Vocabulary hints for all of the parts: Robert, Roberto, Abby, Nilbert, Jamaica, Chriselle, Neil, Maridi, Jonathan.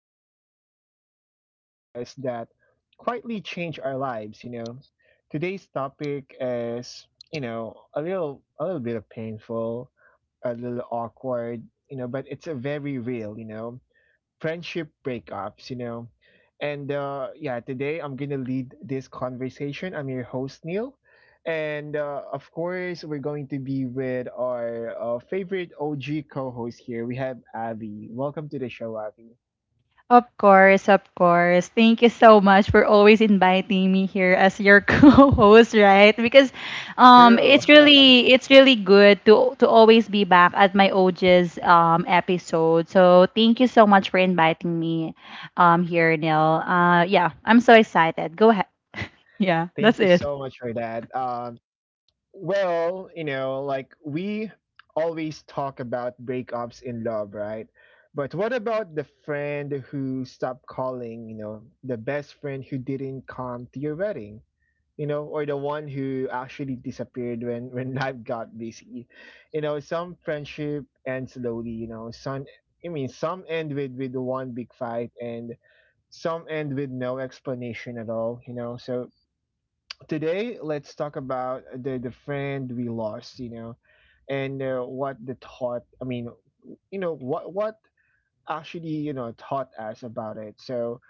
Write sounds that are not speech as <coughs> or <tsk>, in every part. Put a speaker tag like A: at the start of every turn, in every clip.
A: we talk about, choices that quietly change our lives. Today's topic is, a little bit of painful, a little awkward, but it's a very real, friendship breakups. And yeah, today I'm going to lead this conversation. I'm your host, Neil. And of course, we're going to be with our favorite OG co host here. We have Abby. Welcome to the show, Abby.
B: Of course, of course. Thank you so much for always inviting me here as your <laughs> co-host, right? Because
A: True.
B: it's really good to always be back at my OG's episode. So thank you so much for inviting me here, Neil. Yeah, I'm so excited. Go ahead. <laughs> Yeah, that's
A: Thank you
B: it.
A: so much for that. Well, like we always talk about breakups in love, right? But what about the friend who stopped calling, the best friend who didn't come to your wedding, or the one who actually disappeared when <laughs> life got busy. You know, some friendship ends slowly, you know, some I mean some end with one big fight and some end with no explanation at all. So today, let's talk about the friend we lost, and what the thought. I mean, what actually taught us about it. So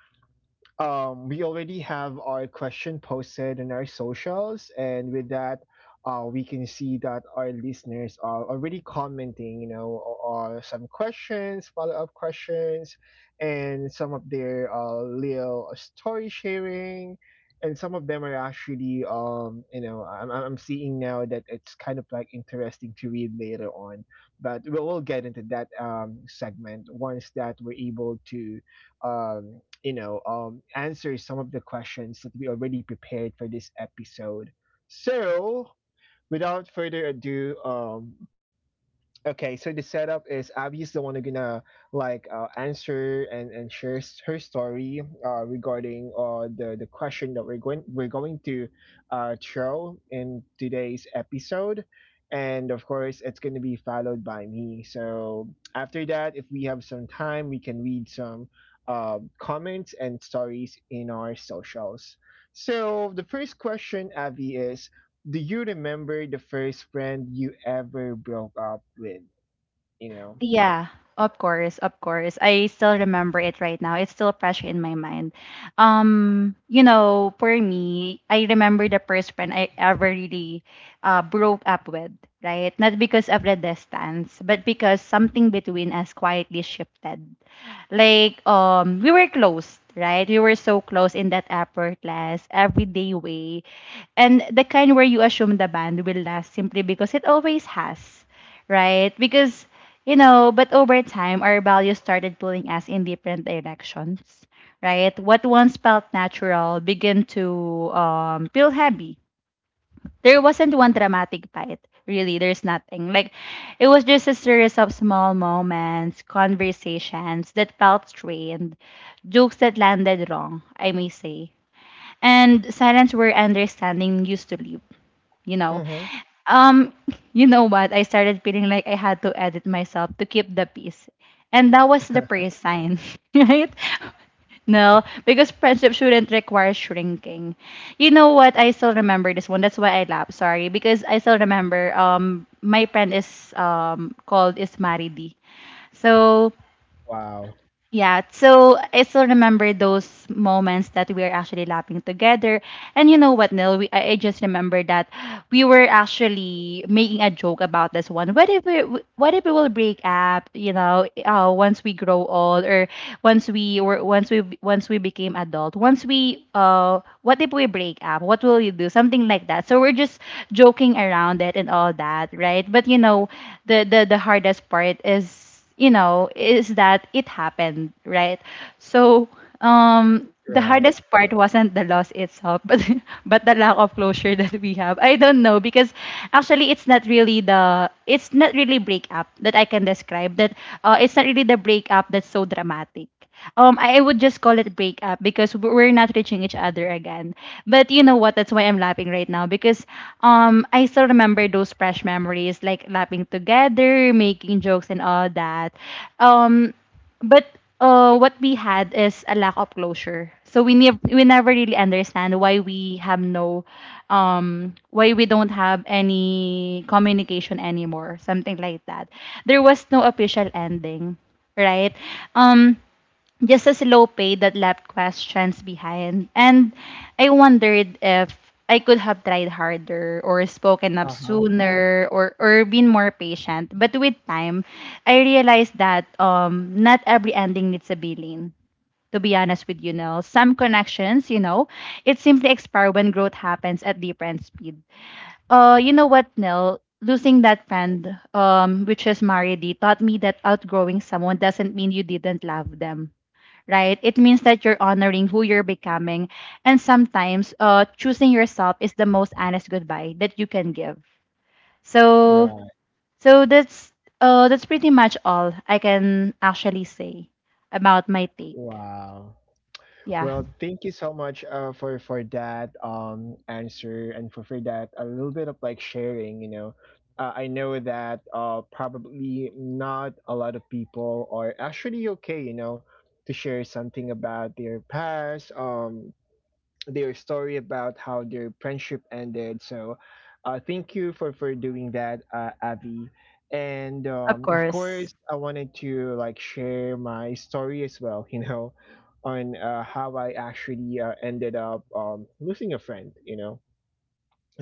A: we already have our question posted in our socials, and with that, we can see that our listeners are already commenting, or some questions, follow up questions, and some of their little story sharing. And some of them are actually, I'm seeing now that it's kind of like interesting to read later on. But we'll get into that segment once that we're able to um, answer some of the questions that we already prepared for this episode. So, without further ado, okay, so the setup is Abby is the one who's gonna like answer and her story regarding the question that we're going to throw in today's episode, and of course it's gonna be followed by me. So after that, if we have some time, we can read some comments and stories in our socials. So the first question, Abby, is do you remember the first friend you ever broke up with? You know?
B: Yeah, of course, of course. I still remember it right now. It's still fresh in my mind. You know, for me, I remember the first friend I ever really broke up with, right? Not because of the distance, but because something between us quietly shifted. Like we were close, right? We were so close in that upper class, everyday way. And the kind where you assume the band will last simply because it always has, right? Because you know, but over time our values started pulling us in different directions, right? What once felt natural began to feel heavy. There wasn't one dramatic fight. Really, there's nothing. Like, it was just a series of small moments, conversations that felt strained, jokes that landed wrong, I may say, and silence where understanding used to live, you know.
A: Mm-hmm.
B: Um, <laughs> you know what? I started feeling like I had to edit myself to keep the peace. And that was the praise sign, <laughs> right? No, because friendship shouldn't require shrinking. You know what? I still remember this one. That's why I laugh. Sorry, because I still remember. My friend is called is Maridi. So
A: Wow.
B: yeah, so I still remember those moments that we were actually laughing together. And you know what, Neil? I just remember that we were actually making a joke about this one. What if we, what if we will break up? You know, once we grow old, or once we became adult, what if we break up? What will you do? Something like that. So we're just joking around it and all that, right? But you know, the hardest part is you know, is that it happened, right? So, the
A: Right.
B: hardest part wasn't the loss itself, <laughs> but the lack of closure that we have. I don't know because actually it's not really breakup that I can describe. That it's not really the breakup that's so dramatic. I would just call it breakup because we're not reaching each other again. But you know what? That's why I'm laughing right now because I still remember those fresh memories, like laughing together, making jokes, and all that. Um, but what we had is a lack of closure. So we never really understand why we have no, why we don't have any communication anymore, something like that. There was no official ending, right? Um just as low pay that left questions behind. And I wondered if I could have tried harder or spoken up
A: Uh-huh.
B: sooner or been more patient. But with time, I realized that not every ending needs a villain. To be honest with you, Nell, some connections, you know, it simply expire when growth happens at different speed. You know what, Nell? Losing that friend, which is Maridi, taught me that outgrowing someone doesn't mean you didn't love them, right? It means that you're honoring who you're becoming. And sometimes choosing yourself is the most honest goodbye that you can give. So
A: Right.
B: so that's that's pretty much all I can actually say about my take.
A: Wow.
B: Yeah,
A: Well, thank you so much for that answer and for that a little bit of like sharing. I know that probably not a lot of people are actually okay, to share something about their past, their story about how their friendship ended. So, thank you for doing that, Avi. And
B: of
A: of
B: course.
A: course, I wanted to like share my story as well. <laughs> On how I actually ended up losing a friend.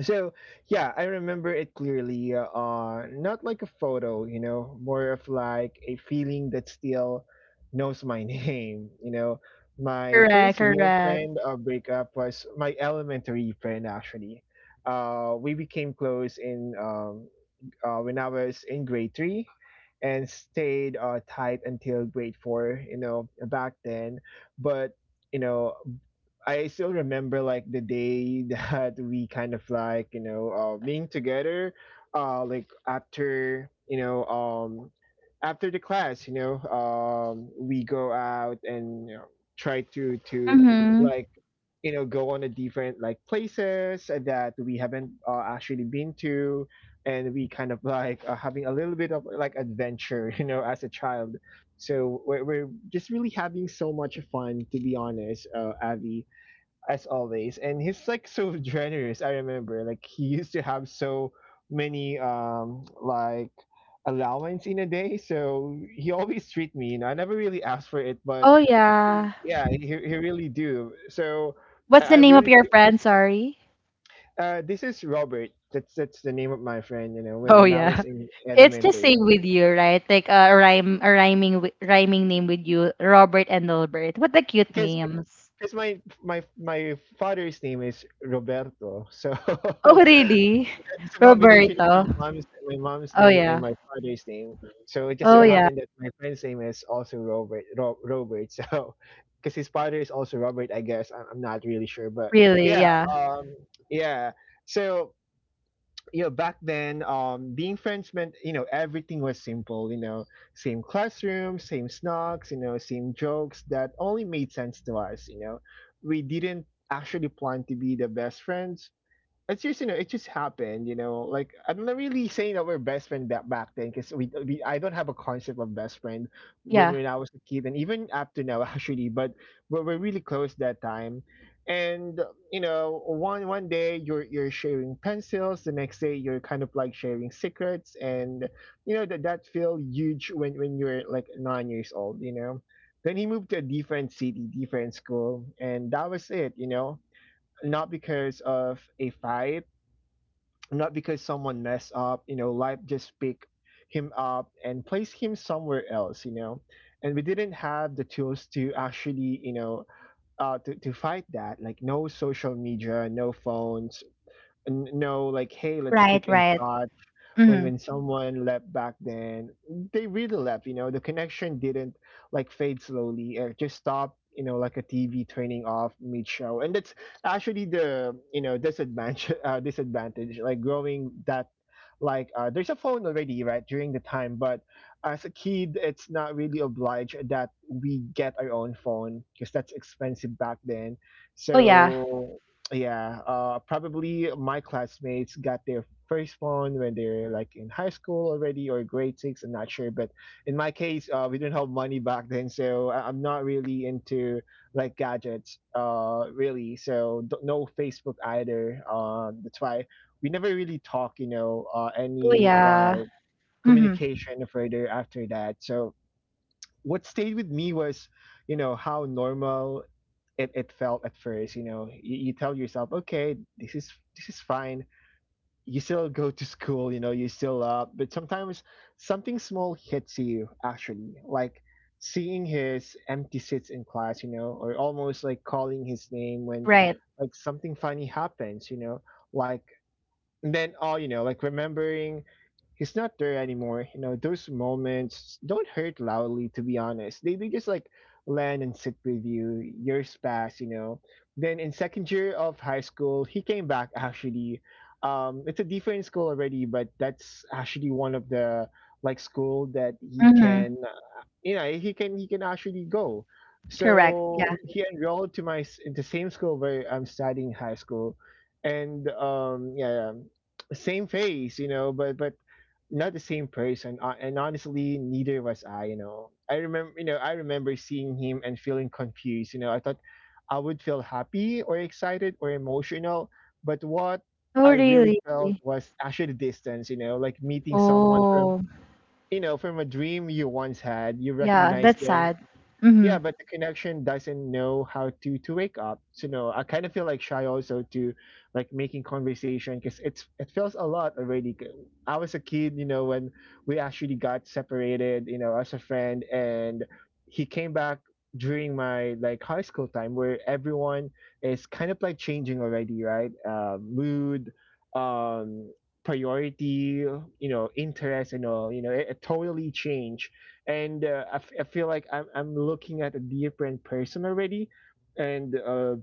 A: So yeah, I remember it clearly. Not like a photo, more of like a feeling that still knows my <laughs> name. My
B: Correct,
A: first real
B: correct.
A: friend breakup was my elementary friend actually. We became close in when I was in grade three and stayed tight until grade four. You know, back then, but. You know, I still remember like the day <laughs> that we kind of like being together, like after after the class, we go out and try to
B: Mm-hmm.
A: like go on a different like places that we haven't actually been to and we kind of like having a little bit of like adventure <laughs> you know as a child so we're just really having so much fun to be honest Avi. As always, and he's like so <laughs> generous. I remember like he used to have so many like allowance in a day, so he always treat me. You know, I never really asked for it, but
B: Oh yeah.
A: yeah, he really do. So
B: What's the
A: I
B: name of
A: really
B: your friend? Sorry.
A: this is Robert. That's the name of my friend, you know, when,
B: Oh
A: when I
B: yeah.
A: was in
B: It's the same
A: elementary,
B: with you, right? Like a rhyme, rhyming name with you, Robert and Albert. What the cute
A: because
B: names.
A: because my my father's name is Roberto, so
B: Oh,
A: <laughs>
B: really?
A: it's a combination of
B: Roberto?
A: my mom's
B: Oh,
A: name and
B: yeah.
A: my father's name. So it just
B: Oh,
A: so
B: yeah.
A: happened that my friend's name is also Robert. Robert. <laughs> So because his father is also Robert, I guess I'm not really sure, but
B: Really?
A: yeah,
B: Yeah.
A: um, yeah. So you know, back then, being friends meant you know everything was simple. You know, same classroom, same snacks, you know, same jokes that only made sense to us. You know, we didn't actually plan to be the best friends. It's just you know it just happened, you know, like I'm not really saying that we're best friend that back then because we I don't have a concept of best friend when
B: Yeah.
A: when I was a kid and even up to now <laughs> actually, but we were really close that time. And you know one day you're sharing pencils, the next day you're kind of like sharing secrets, and you know that feel huge when you're like 9 years old, you know. Then he moved to a different city, different school, and that was it, you know, not because of a fight, not because someone messed up. You know, life just picked him up and placed him somewhere else, you know, and we didn't have the tools to actually you know to fight that. Like no social media, no phones, no like hey let's
B: Right,
A: keep in
B: right.
A: touch. when
B: Mm-hmm.
A: when someone left back then, they really left, you know. The connection didn't like fade slowly, it just stopped, you know, like a TV turning off mid show. And that's actually the you know disadvantage, <laughs> disadvantage like growing that like there's a phone already right during the time. But as a kid, it's not really obliged that we get our own phone because that's expensive back then.
B: Oh, yeah.
A: So yeah, probably my classmates got their first phone when they're like in high school already or grade six. I'm not sure, but in my case, we didn't have money back then, so I'm not really into like gadgets, really. So no Facebook either. That's why we never really talk, you know,
B: Oh,
A: any
B: yeah.
A: like
B: Mm-hmm.
A: communication further after that. So what stayed with me was, you know, how normal it felt at first. You know, you tell yourself, okay, this is fine. You still go to school, you know, you still up, but sometimes something small hits you actually, like seeing his empty seats in class, you know, or almost like calling his name when
B: Right.
A: like something funny happens, you know, like. And then all you know like remembering he's not there anymore. You know, those moments don't hurt loudly, to be honest. They just like land and sit with you. Years pass, you know. Then in second year of high school, he came back actually. It's a different school already, but that's actually one of the like school that he
B: Mm-hmm.
A: can you know he can actually go.
B: Correct. Yeah.
A: So he enrolled to my in the same school where I'm studying high school. And yeah yeah, same face, you know, but not the same person, and honestly neither was I. You know, I remember I remember seeing him and feeling confused. You know, I thought I would feel happy or excited or emotional, but what
B: Oh,
A: I really
B: really?
A: felt was actually distance. You know, like meeting someone from
B: Oh,
A: you know, from a dream you once had, you
B: yeah.
A: recognize
B: That's
A: them,
B: sad.
A: yeah,
B: Mm-hmm.
A: but the connection doesn't know how to wake up. So no, I kind of feel like shy also to like making conversation because it's it feels a lot already, 'cause I was a kid, you know, when we actually got separated, you know, as a friend. And he came back during my like high school time where everyone is kind of like changing already, right, mood, um priority, you know, interest and all. You know, it totally changed, and I feel like I'm looking at a different person already. And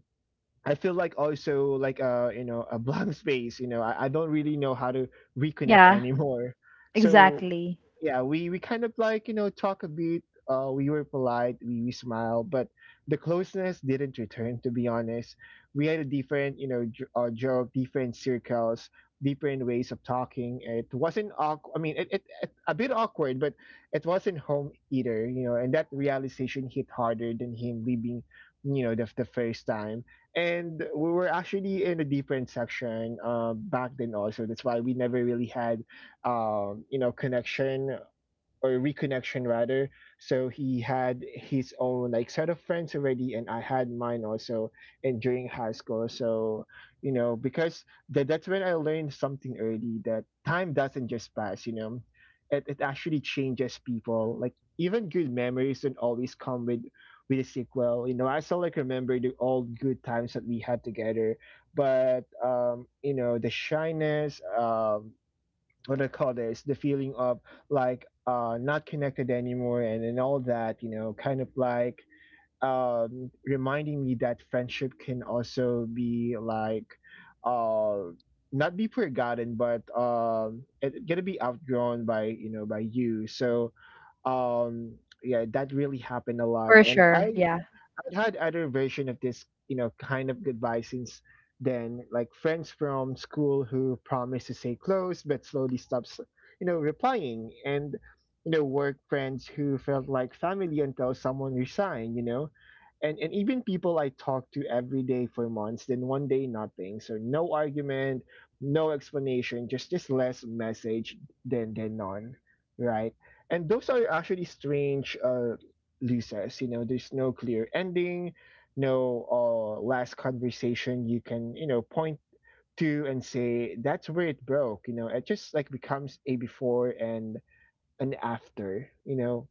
A: I feel like also like you know a blank <laughs> space. You know, I don't really know how to reconnect <laughs>
B: Yeah.
A: anymore. So
B: Exactly.
A: yeah, we kind of like you know talk a bit. We were polite, we smiled, but the closeness didn't return, to be honest. We had a different you know joke, different circles, different ways of talking. It wasn't awkward, I mean, it a bit awkward, but it wasn't home either, you know. And that realization hit harder than him leaving the first time. And we were actually in a different section back then also. That's why we never really had connection, or reconnection rather. So he had his own like set of friends already, and I had mine also. And during high school, so because that's when I learned something early that time doesn't just pass. It actually changes people. Like even good memories don't always come with a sequel. I still like remember the all good times that we had together, but the shyness. What do I call this? The feeling of like not connected anymore and all that, kind of like reminding me that friendship can also be like uh, not be forgotten, but it gonna be outgrown by by you. So um, yeah, that really happened a lot,
B: For
A: and
B: sure.
A: I
B: Yeah.
A: I'd had other version of this, kind of goodbye since then, like friends from school who promise to stay close but slowly stops, replying, and work friends who felt like family until someone resigned, and even people I talked to every day for months, then one day nothing, so no argument, no explanation, just less message than none, right? And those are actually strange. Lisa's. There's no clear ending, no last conversation you can, point to and say, that's where it broke. It just like becomes a before and an after.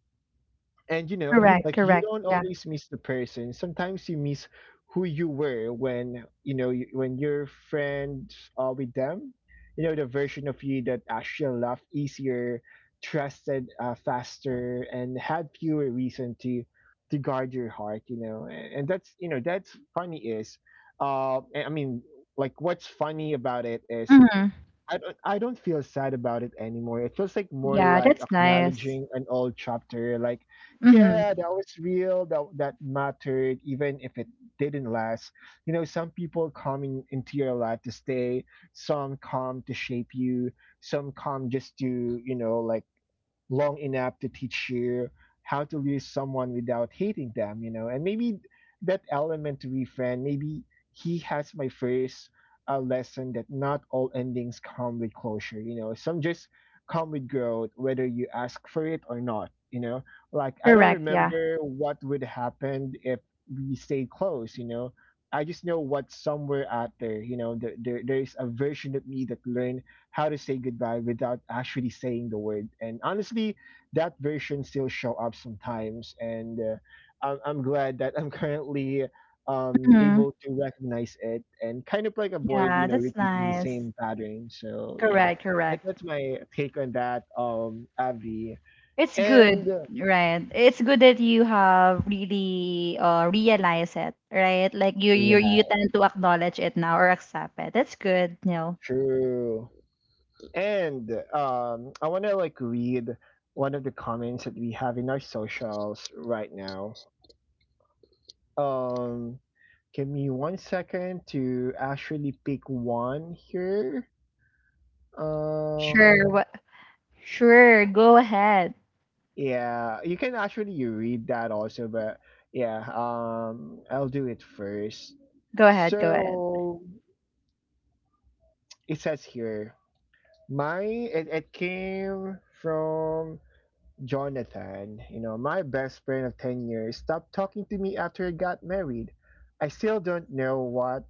A: And you know
B: Correct,
A: Like you
B: correct.
A: don't
B: Yeah.
A: always miss the person. Sometimes you miss who you were when when you're friends with them, the version of you that actually laughed easier, trusted faster, and had fewer reason to guard your heart. And that's you know that's funny is I mean, like, what's funny about it is
B: Mm-hmm.
A: I don't feel sad about it anymore. It feels like more
B: Yeah,
A: like
B: that's nice.
A: acknowledging an old chapter. Like,
B: Mm-hmm.
A: yeah, that was real. That mattered, even if it didn't last. Some people come into your life to stay. Some come to shape you. Some come just to like long enough to teach you how to lose someone without hating them. And maybe that element to be friend, maybe he has my first lesson that not all endings come with closure. Some just come with growth, whether you ask for it or not. Like I don't
B: Correct. Yeah.
A: remember what would happen if we stayed close. I just know what's somewhere out there. There's a version of me that learned how to say goodbye without actually saying the word. And honestly, that version still show up sometimes, and I'm glad that I'm <laughs> currently
B: Mm-hmm.
A: able to recognize it and kind of like avoid,
B: Yeah, that's
A: repeating the
B: nice.
A: same pattern. So yeah,
B: Correct,
A: that,
B: correct.
A: that's my take on that, Avi.
B: It's good,
A: And
B: right? It's good that you have really realized it, right? Like you
A: yeah,
B: tend to acknowledge it now or accept it. That's good, you know.
A: true. And I want to like read one of the comments that we have in our socials right now. Um, Give me one second to actually pick one here. Um,
B: Sure, what sure, go ahead.
A: yeah, you can actually read that also, but yeah, I'll do it first.
B: Go ahead, go ahead.
A: So it says here, my it came from Jonathan. My best friend of 10 years stopped talking to me after I got married. I still don't know what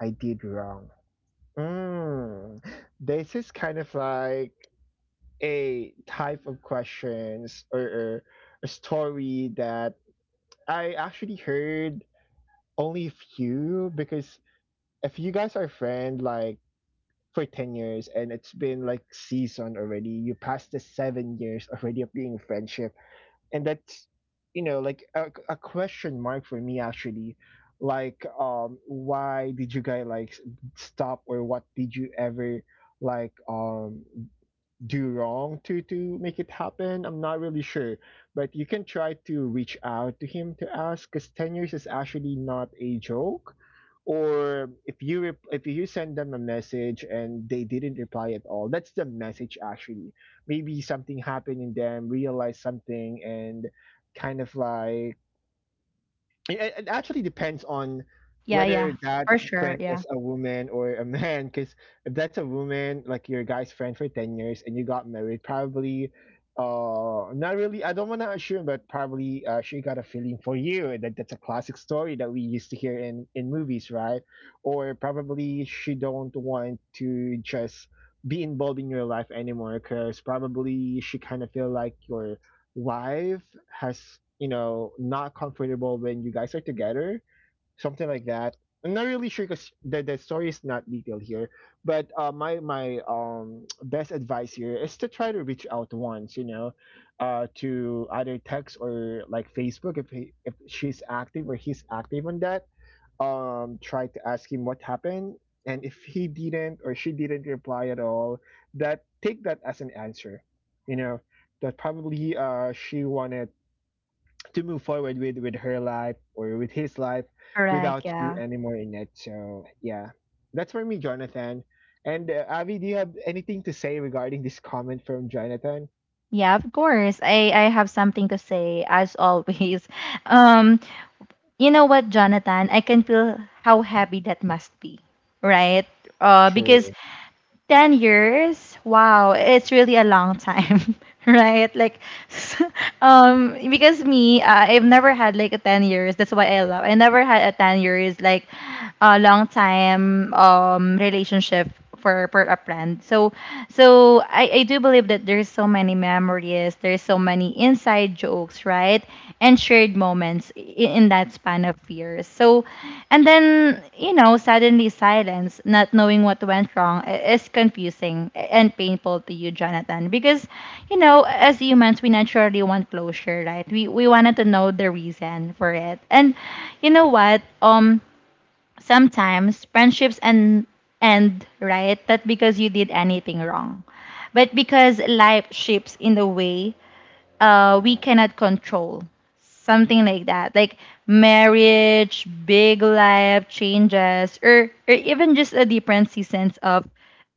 A: I did wrong. Mm, this is kind of like a type of questions, or a story that I actually heard only a few, because if you guys are friend like for 10 years, and it's been like season already. You passed the 7 years already of being friendship. And that's like a question mark for me actually. Like why did you guys like stop, or what did you ever like do wrong to make it happen? I'm not really sure, but you can try to reach out to him to ask because 10 years is actually not a joke. Or if you send them a message and they didn't reply at all, that's the message actually. Maybe something happened in them, realized something, and kind of like it actually depends on
B: Yeah, yeah.
A: whether that
B: For sure,
A: friend
B: yeah.
A: is a woman or a man, because if that's a woman, like your guy's friend for 10 years and you got married, probably not really, I don't want to assume, but probably she got a feeling for you. That's a classic story that we used to hear in movies, right? Or probably she don't want to just be involved in your life anymore, because probably she kind of feel like you're live has not comfortable when you guys are together, something like that. I'm not really sure because the story is not detailed here. But my <tsk> best advice here is to try to reach out once, you know, to either text or like Facebook, if she's active or he's active on that. Tried to ask him what happened, and if he didn't or she didn't reply at all, that, take that as an answer. you know that probably she wanted to move forward with her life or with his life
B: Correct,
A: without you
B: yeah.
A: anymore in it. So yeah, that's for me, Jonathan. And Avi, do you have anything to say regarding this comment from Jonathan?
B: Yeah, of course. I have something to say as always. <laughs> Um you know what, Jonathan? I can feel how happy that must be, right? Because
A: True.
B: 10 years, wow, it's really a long time. <laughs> Right? Like, <laughs> because me I've never had like a 10 years. That's why I never had a 10 years like a long time relationship for a friend. So so I do believe that there's so many inside jokes, right? And shared moments in that span of years. So, and then, you know, suddenly silence, not knowing what went wrong, is confusing and painful to you, Jonathan. Because, you know, as humans, we naturally want closure, right? We wanted to know the reason for it. And you know what? Sometimes friendships and end right that because you did anything wrong but because life shapes in a way we cannot control. Something like that. Like marriage, big life changes, or even just a dependency sense of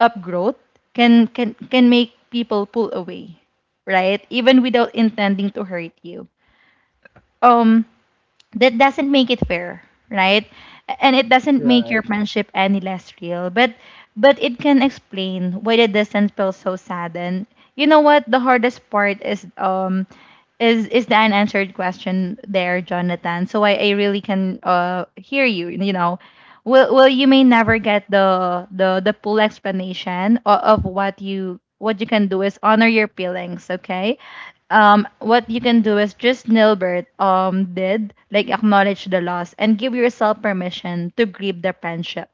B: upgrowth can make people pull away, right? Even without intending to hurt you. Um that doesn't make it fair, right? And it doesn't make your friendship any less real. But it can explain why the distance feels so sad. And you know what? The hardest part is is the unanswered question there, Jonathan. So I really can hear you, you know. Well, well, you may never get the full explanation of what you can do is honor your feelings, okay? What you can do is just Nilbert did like acknowledge the loss and give yourself permission to grieve the friendship.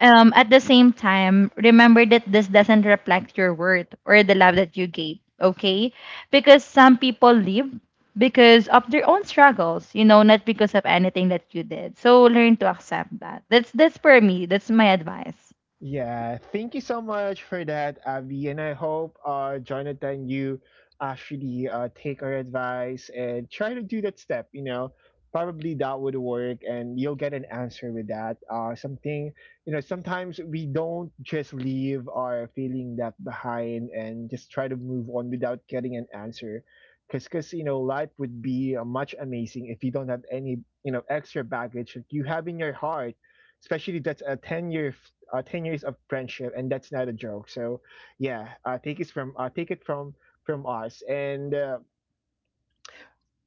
B: At the same time, remember that this doesn't reflect your worth or the love that you gave, okay? Because some people leave because of their own struggles, you know, not because of anything that you did. So learn to accept that. That's for me. That's my advice.
A: Yeah, thank you so much for that, Abby. And I hope, Jonathan, you actually take our advice and try to do that step. Probably that would work, and you'll get an answer with that. Something, sometimes we don't just leave our feeling that behind and just try to move on without getting an answer. Because, cause, life would be much amazing if you don't have any, extra baggage that you have in your heart, especially that's a 10 years of friendship, and that's not a joke. So yeah, take it from us. And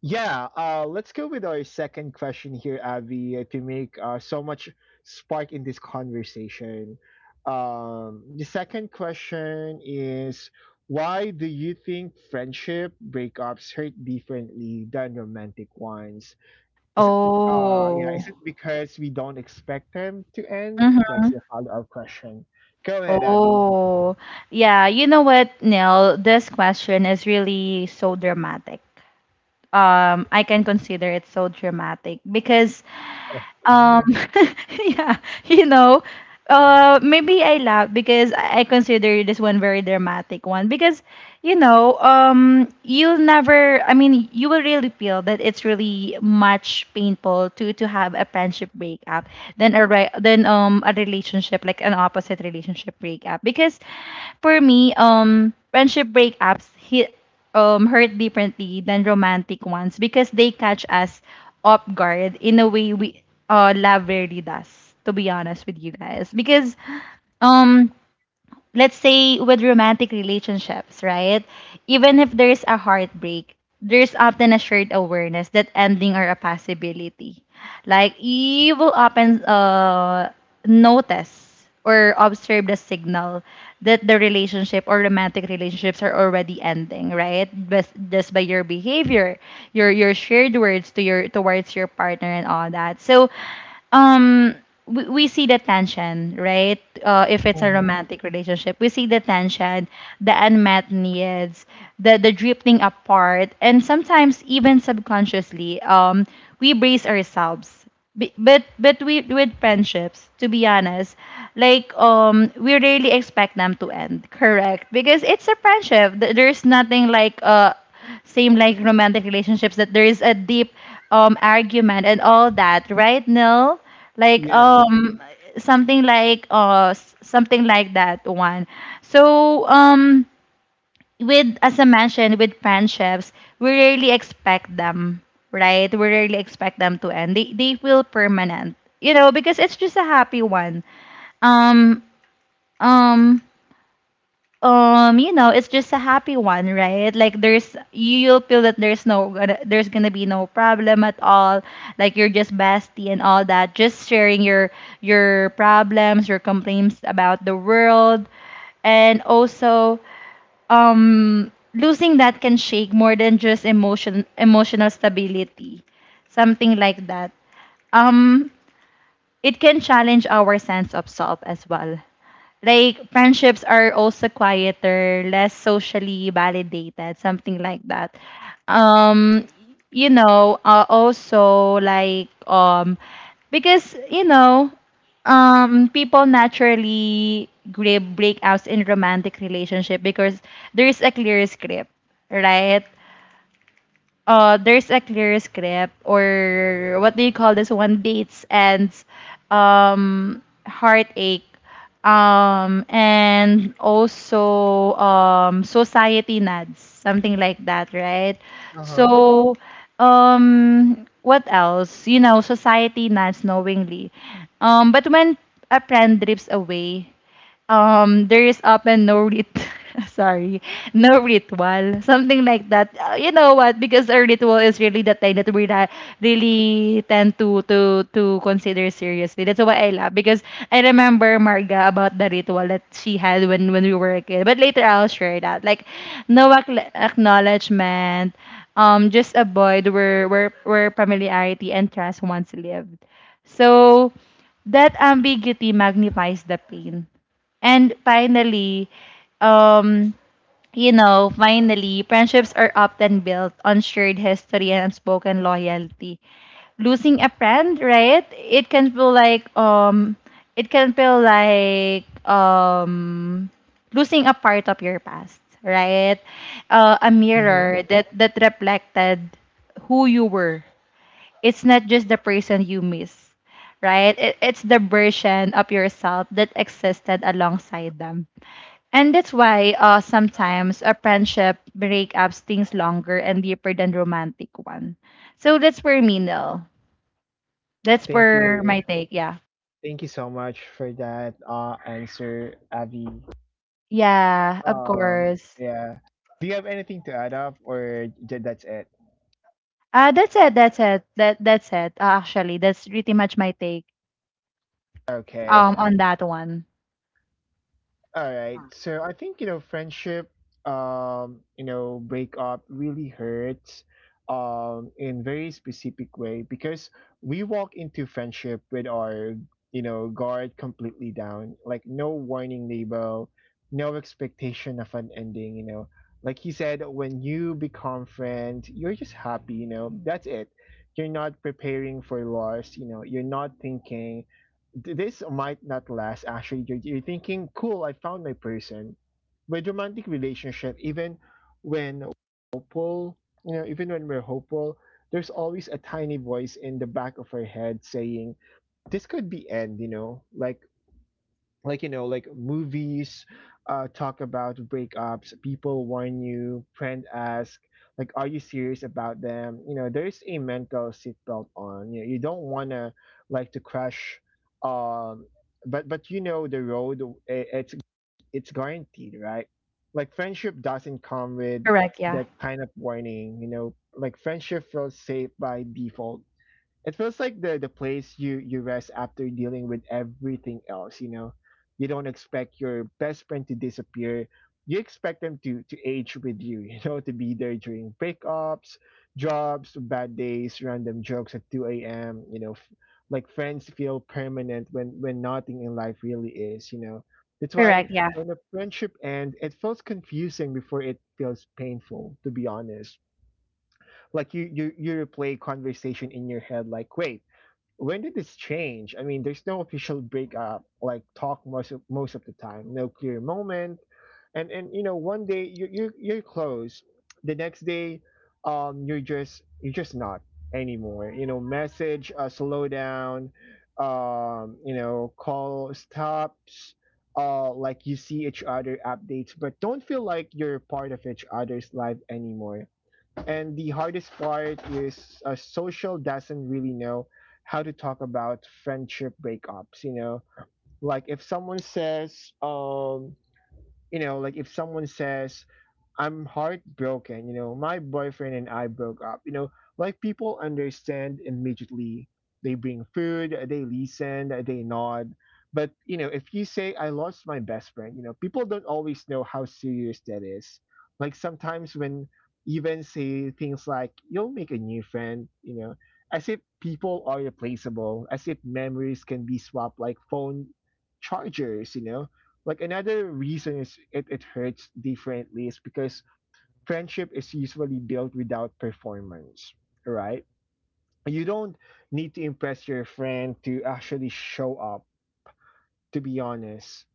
A: yeah let's go with our second question here, Avi, to make so much spark in this conversation. The second question is, why do you think friendship breakups hurt differently than romantic ones? Is it yeah,
B: Oh.
A: is it because we don't expect them to end?
B: Mhm.
A: That's a follow-up question. Go ahead, Abby.
B: Oh. Yeah, you know what, Neil? This question is really so dramatic. I can consider it so dramatic because Um,
A: Mm-hmm.
B: <laughs> yeah, you know, maybe I laugh because I consider this one very dramatic one because, you know, you'll never. I mean, you will really feel that it's really much painful to have a friendship breakup than than a relationship like an opposite relationship breakup because for me, friendship breakups hit hurt differently than romantic ones because they catch us off guard in a way we lab rarely does, to be honest with you guys. Because um let's say with romantic relationships, right? Even if there's a heartbreak, there's often a shared awareness that ending are a possibility. Like you will often notice or observe the signal that the relationship or romantic relationships are already ending, right? Just by your behavior, your shared words to your towards your partner and all that. So um we see the tension, right? If it's a romantic relationship, we see the tension, the unmet needs, the drifting apart, and sometimes even subconsciously we brace ourselves. But we with friendships, to be honest, like we really expect them to end, correct? Because it's a friendship. There's nothing like same like romantic relationships that there is a deep argument and all that, right, Nil? Like
A: Yeah.
B: something like something like that one. So with as I mentioned with friendships, we rarely expect them, right? We rarely expect them to end. They feel permanent, you know, because it's just a happy one. Um um you know, it's just a happy one, right? Like there's you'll feel that there's gonna be no problem at all. Like you're just bestie and all that, just sharing your problems, your complaints about the world. And also losing that can shake more than just emotional stability, something like that. um it can challenge our sense of self as well. Like friendships are also quieter, less socially validated, something like that. Um, you know, also like because you know, people naturally grab breakouts in romantic relationship because there is a clear script, right? There's a clear script or what do you call this one? Dates and heartache and also society nads something like that, right?
A: Uh-huh.
B: So what else, you know, society nads knowingly but when a friend drifts away there is often no rit <laughs> sorry, no ritual, something like that. You know what? Because a ritual is really the thing that we really tend to consider seriously. That's why I love, because I remember Marga about the ritual that she had when we were a kid, but later I'll share that. Like no acknowledgement, just avoid where where familiarity and trust once lived. So that ambiguity magnifies the pain. And finally, um, you know, finally, friendships are often built on shared history and unspoken loyalty. Losing a friend, right? It can feel like losing a part of your past, right? A
A: Mm-hmm.
B: mirror that reflected who you were. It's not just the person you miss, right? It's the version of yourself that existed alongside them. And that's why sometimes a friendship breakup stings longer and deeper than romantic one. So that's for me, Nil. That's
A: Thank
B: for
A: you.
B: my take, yeah.
A: Thank you so much for that answer, Abby.
B: Yeah, of course.
A: Yeah. Do you have anything to add up, or that's it?
B: That's it, that's it. Actually, that's pretty much my take
A: Okay.
B: on that one.
A: All right. So I think, friendship, breakup really hurts in very specific way, because we walk into friendship with our, guard completely down. Like no warning label, no expectation of an ending. Like he said, when you become friends, you're just happy. That's it. You're not preparing for loss, you know. You're not thinking this might not last. Actually, you're thinking, cool, I found my person. With romantic relationship, even when hopeful, you know, even when we're hopeful, there's always a tiny voice in the back of our head saying, this could be end, like like movies talk about breakups, people warn you, friend ask, like, are you serious about them? There's a mental seatbelt on, you don't want to like to crash. um but the road, i- it's it's guaranteed, right? Like friendship doesn't come with
B: Correct, yeah.
A: that kind of warning. Like friendship feels safe by default. It feels like the place you rest after dealing with everything else. You don't expect your best friend to disappear. You expect them to age with you. <laughs> To be there during breakups, jobs, bad days, random jokes at 2 a.m. Like friends feel permanent when nothing in life really is. That's why
B: Correct, yeah.
A: when a friendship ends, it feels confusing before it feels painful. To be honest, like you replay conversation in your head, like, wait, when did this change? I mean, there's no official breakup, like talk most of the time, no clear moment, and one day you're close, the next day, you're just not anymore. You know, message slow down, call stops, like you see each other updates, but don't feel like you're part of each other's life anymore. And the hardest part is, social doesn't really know how to talk about friendship breakups. You know, like if someone says, um, like if someone says, I'm heartbroken, my boyfriend and I broke up, like people understand immediately. They bring food, they listen, they nod. But, if you say, I lost my best friend, people don't always know how serious that is. Like sometimes when even say things like, you'll make a new friend, as if people are replaceable, as if memories can be swapped like phone chargers. Like another reason is it hurts differently is because friendship is usually built without performance, right? You don't need to impress your friend to actually show up, to be honest.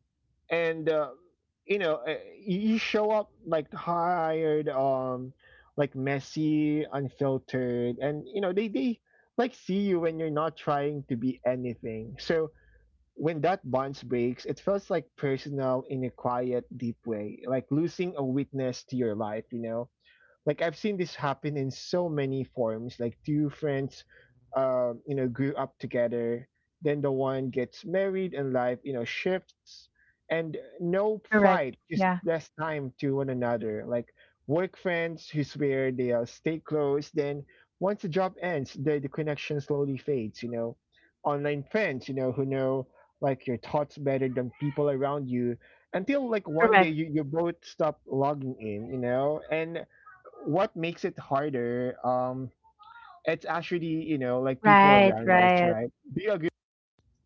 A: And you show up like hired, like messy, unfiltered, and they like see you when you're not trying to be anything. So when that bond breaks, it feels like personal in a quiet, deep way, like losing a witness to your life, you know? Like I've seen this happen in so many forms. Like two friends, grew up together. Then the one gets married and life shifts. And no
B: Correct.
A: fight, just
B: Yeah.
A: less time to one another. Like work friends who swear they stay close. Then once the job ends, the connection slowly fades. Online friends, who know like your thoughts better than people around you until like one day
B: Correct.
A: you both stop logging in, you know? And what makes it harder, it's actually, like people
B: Right,
A: around us,
B: right.
A: right?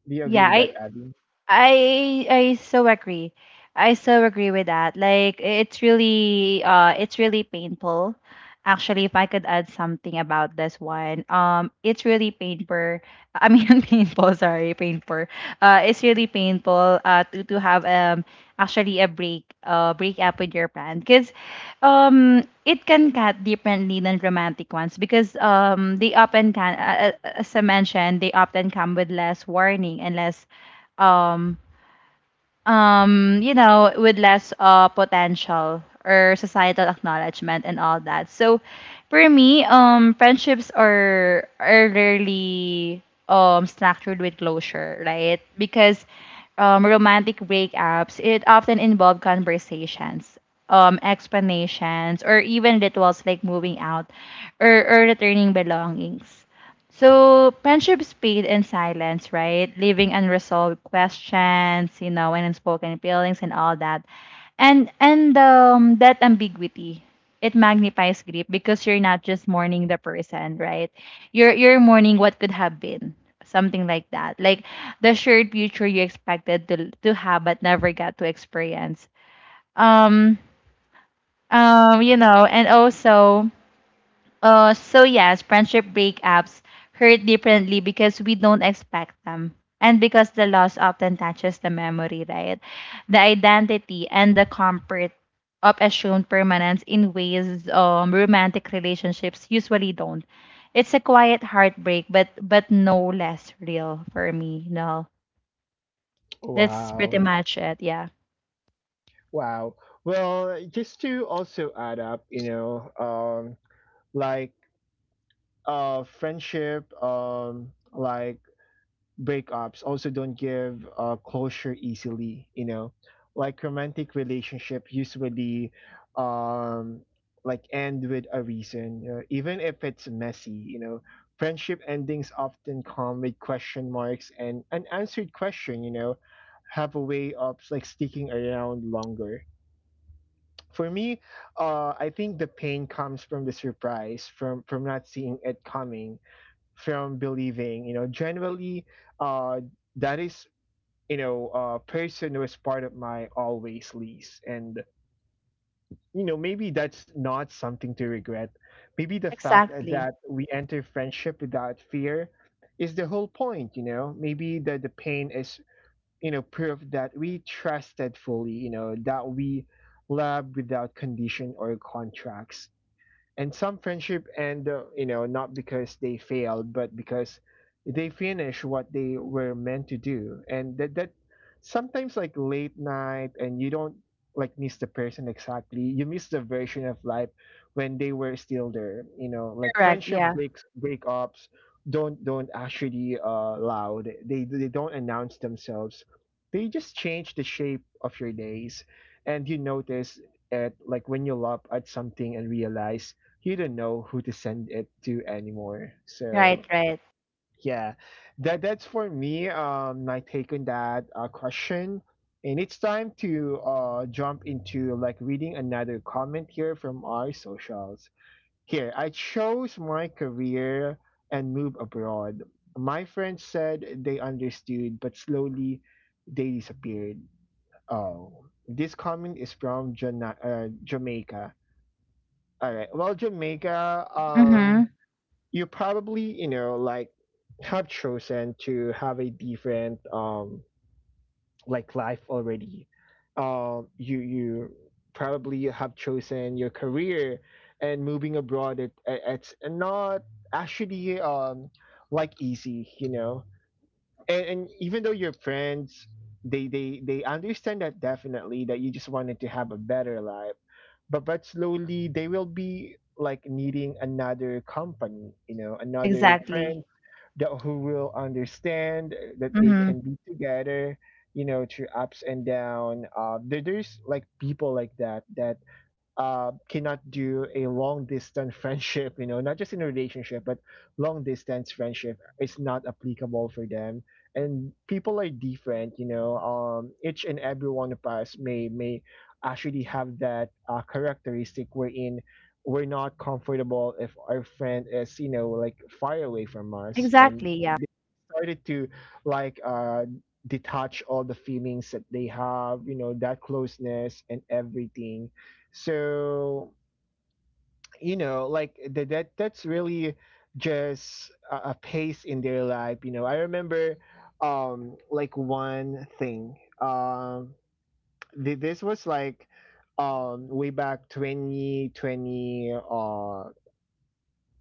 A: Do you agree
B: Yeah,
A: with that,
B: I
A: Abby?
B: I I so agree. I so agree with that. Like it's really painful. Actually, if I could add something about this one, it's really painful. I mean, <laughs> painful. Sorry, painful. It's really painful. To have actually a break up with your plan because, it can cut differently than romantic ones because they often can as I mentioned, they often come with less warning and less um you know, with less potential or societal acknowledgement and all that. So for me, friendships are rarely structured with closure, right? Because romantic breakups, it often involve conversations, explanations or even rituals like moving out, or returning belongings. So friendships paid in silence, right? Leaving unresolved questions, you know, and unspoken feelings and all that. And that ambiguity, it magnifies grief because you're not just mourning the person, right? You're mourning what could have been. Something like that. Like the shared future you expected to have but never got to experience. Um you know, and also so yes, friendship breakups hurt differently because we don't expect them. And because the loss often touches the memory, right? The identity and the comfort of assumed permanence in ways romantic relationships usually don't. It's a quiet heartbreak, but no less real for me. No, that's pretty
A: Wow.
B: much it. Yeah,
A: Wow. Well, just to also add up, like friendship, like breakups also don't give, closure easily, like romantic relationship usually, um like end with a reason, you know, even if it's messy. Friendship endings often come with question marks and unanswered question, you know, have a way of like sticking around longer, for me. I think the pain comes from the surprise, from not seeing it coming, from believing, you know. Generally, uh, that is, you know, a person who is part of my always lease. And you know, maybe that's not something to regret. Maybe the fact
B: exactly.
A: that we enter friendship without fear is the whole point. You know, maybe that the pain is, you know, proof that we trusted fully. You know that we loved without condition or contracts, and some friendship end, you know, not because they failed, but because they finish what they were meant to do. And that sometimes like late night and you don't like miss the person exactly, you miss the version of life when they were still there, you know? Like
B: Correct.
A: friendship
B: Yeah.
A: breaks breakups don't actually, loud, they don't announce themselves. They just change the shape of your days, and you notice at, like, when you love at something and realize you don't know who to send it to anymore.
B: Right.
A: So
B: Right.
A: yeah, that's for me. My take on that, question. And it's time to, jump into like reading another comment here from our socials. Here, I chose my career and move abroad. My friends said they understood, but slowly they disappeared. Oh, this comment is from Jamaica. All right. Well, Jamaica,
B: Mm-hmm.
A: you probably, you know, like have chosen to have a different, like life already. You probably have chosen your career, and moving abroad, it it's not actually, like easy, you know. And even though your friends, they understand that, definitely, that you just wanted to have a better life. But slowly they will be like needing another company, you know, another
B: Exactly.
A: friend that who will understand that they
B: Mm-hmm.
A: can be together, you know, through ups and down. There's like people like that that, cannot do a long distance <laughs> friendship, you know, not just in a relationship, but long distance friendship is not applicable for them. And people are different, you know. Each and every one of us may actually have that, characteristic wherein we're not comfortable if our friend is, you know, like far away from us. And
B: Exactly. Yeah.
A: they started to like, detach all the feelings that they have, you know, that closeness and everything. So you know like that's really just a pace in their life. You know, I remember, like one thing, um this was like, way back 2020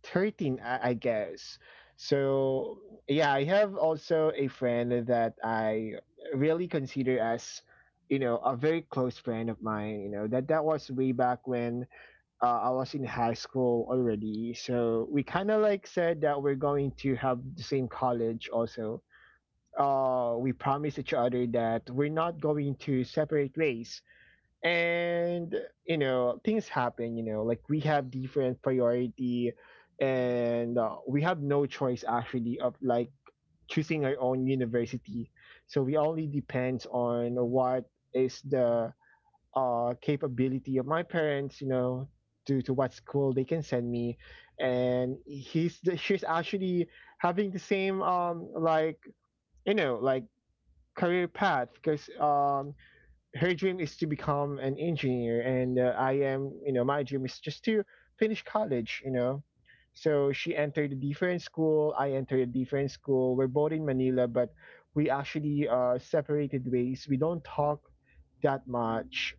A: 13, I guess. So yeah, I have also a friend that I really consider as, you know, a very close friend of mine, you know, that was way back when, I was in high school already, so we kind of like said that we're going to have the same college also. We promised each other that we're not going to separate ways, and you know things happen. You know, like we have different priority. And, we have no choice actually of like choosing our own university. So we only depends on what is the, capability of my parents, you know, to what school they can send me. And she's actually having the same, like, you know, like career path because, her dream is to become an engineer, and, I am, you know, my dream is just to finish college, you know. So she entered a different school. I entered a different school. We're both in Manila, but we actually, separated ways. We don't talk that much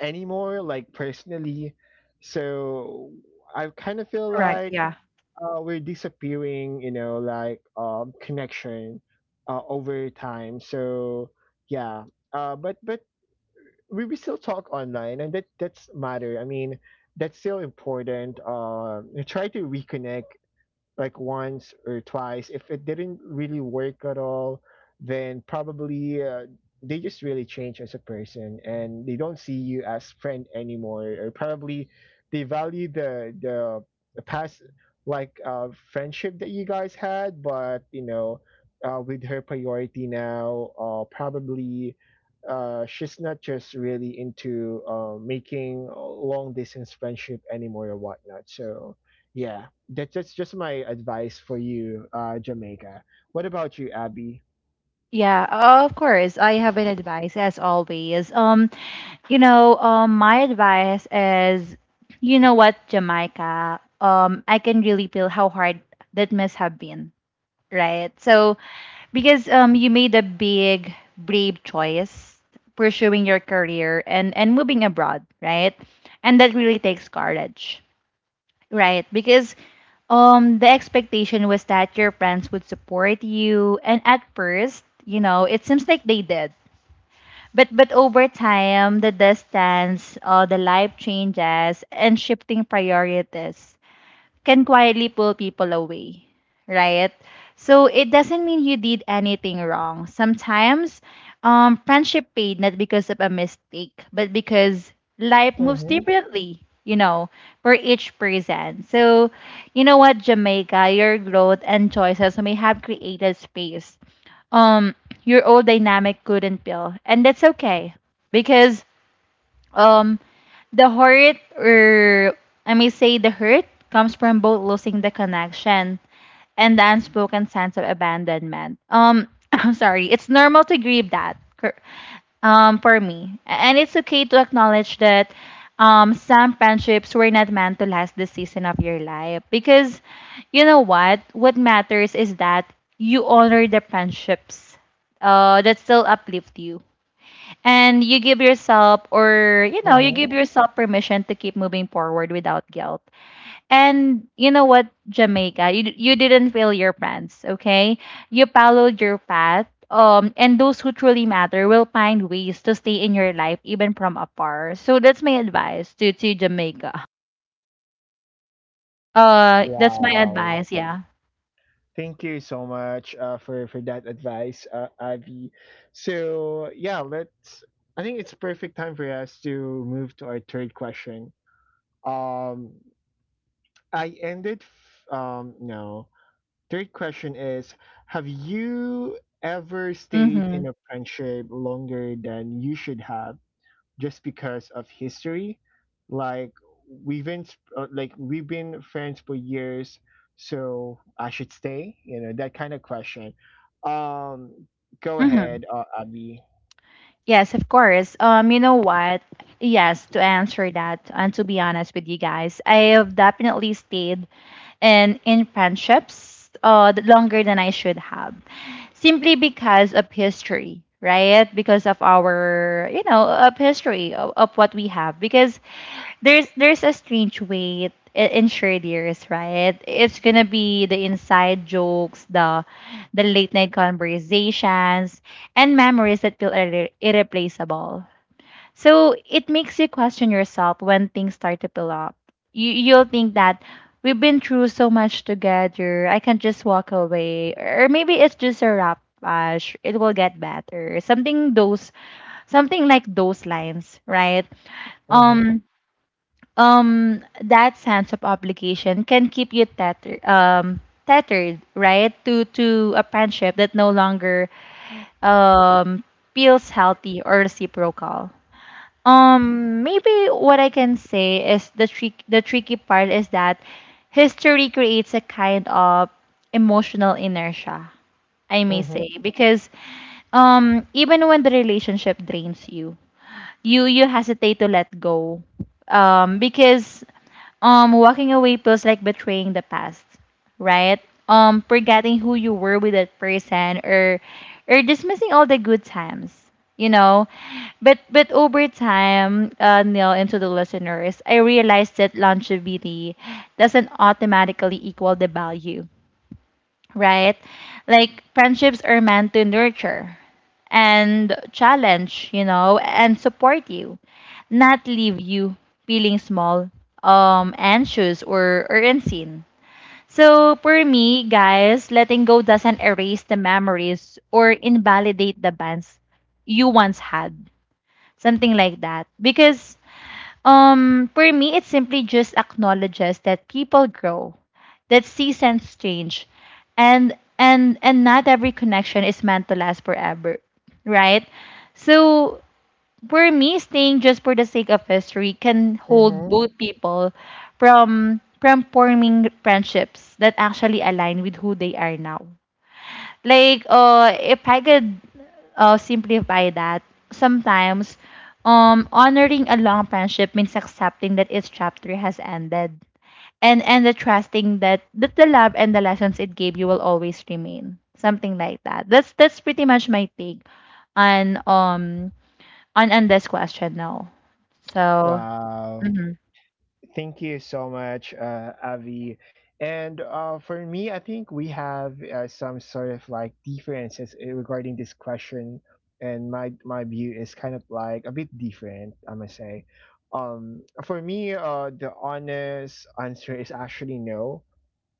A: anymore, like personally. So I kind of feel
B: Correct.
A: like,
B: Yeah.
A: we're disappearing, you know, like, connection, over time. So yeah, but we still talk online, and that's matter. I mean, that's still important. Try to reconnect like once or twice. If it didn't really work at all, then probably, they just really change as a person and they don't see you as friend anymore. Or probably they value the past like, friendship that you guys had, but you know, with her priority now, probably, she's not just really into, making, long distance friendship anymore or whatnot. So yeah, that's just my advice for you, Jamaica. What about you, Abby?
B: Yeah, of course. I have an advice as always. You know, my advice is, you know what, Jamaica. I can really feel how hard that must have been, right? So, because you made a big, brave choice pursuing your career and moving abroad, right? And that really takes courage. Right, because the expectation was that your friends would support you and at first, you know, it seems like they did. But over time, the distance, the life changes and shifting priorities can quietly pull people away, right? So it doesn't mean you did anything wrong. Sometimes friendship paid not because of a mistake, but because life moves
A: Mm-hmm.
B: differently, you know, for each person. So, you know what, Jamaica, your growth and choices may have created space um your old dynamic couldn't build and that's okay because um, the hurt, or I may say the hurt, comes from both losing the connection and the unspoken sense of abandonment. <coughs> <clears throat> I'm sorry. It's normal to grieve that. For me. And it's okay to acknowledge that some friendships were not meant to last the season of your life. Because you know what? What matters is that you honor the friendships that still uplift you and you give yourself, or you know, you
A: Mm-hmm.
B: give yourself permission to keep moving forward without guilt. And you know what, Jamaica, you didn't fail your plans, okay? You followed your path, and those who truly matter will find ways to stay in your life even from afar. So that's my advice to Jamaica. That's my
A: Wow.
B: advice, yeah.
A: Thank you so much, for that advice, Abby. So yeah, let's. I think it's perfect time for us to move to our third question. Um, I ended. No. Third question is: Have you ever stayed
B: Mm-hmm.
A: in a friendship longer than you should have? Just because of history. Like we've been like we've been friends for years, so I should stay. You know that kind of question. Um, go
B: Mm-hmm.
A: ahead, Abby.
B: Yes, of course. You know what? Yes, to answer that, and to be honest with you guys, I have definitely stayed and in friendships longer than I should have, simply because of history, right? Because of our, you know, of history of what we have. Because there's a strange weight in shared years, right? It's gonna be the inside jokes, the late night conversations, and memories that feel irreplaceable. So it makes you question yourself when things start to build up. You'll think that we've been through so much together. I can just walk away, or maybe it's just a wrap. Ash. It will get better. Something those, something like those lines, right?
A: Mm-hmm.
B: Um, that sense of obligation can keep you tethered, tethered, right, to a friendship that no longer, um, feels healthy or reciprocal. Maybe what I can say is the tricky part is that history creates a kind of emotional inertia, I may
A: Mm-hmm.
B: say, because even when the relationship drains you, you hesitate to let go because walking away feels like betraying the past, right? Forgetting who you were with that person, or dismissing all the good times, you know. But over time, Neil and to the listeners, I realized that longevity doesn't automatically equal the value, right? Like friendships are meant to nurture and challenge, you know, and support you, not leave you feeling small, anxious or unseen. So for me, guys, letting go doesn't erase the memories or invalidate the bonds you once had. Something like that. Because for me, it simply just acknowledges that people grow, that seasons change, and not every connection is meant to last forever, right? So for me, staying just for the sake of history can hold
A: Mm-hmm.
B: both people from forming friendships that actually align with who they are now. Like, if I could simplify that, sometimes honoring a long friendship means accepting that its chapter has ended and the trusting that the love and the lessons it gave you will always remain. Something like that. That's pretty much my take on um on this question now. So
A: Wow. Thank you so much, Avi. And, for me, I think we have, some sort of like differences, eh, regarding this question, and my view is kind of like a bit different. I must say, for me, the honest answer is actually no.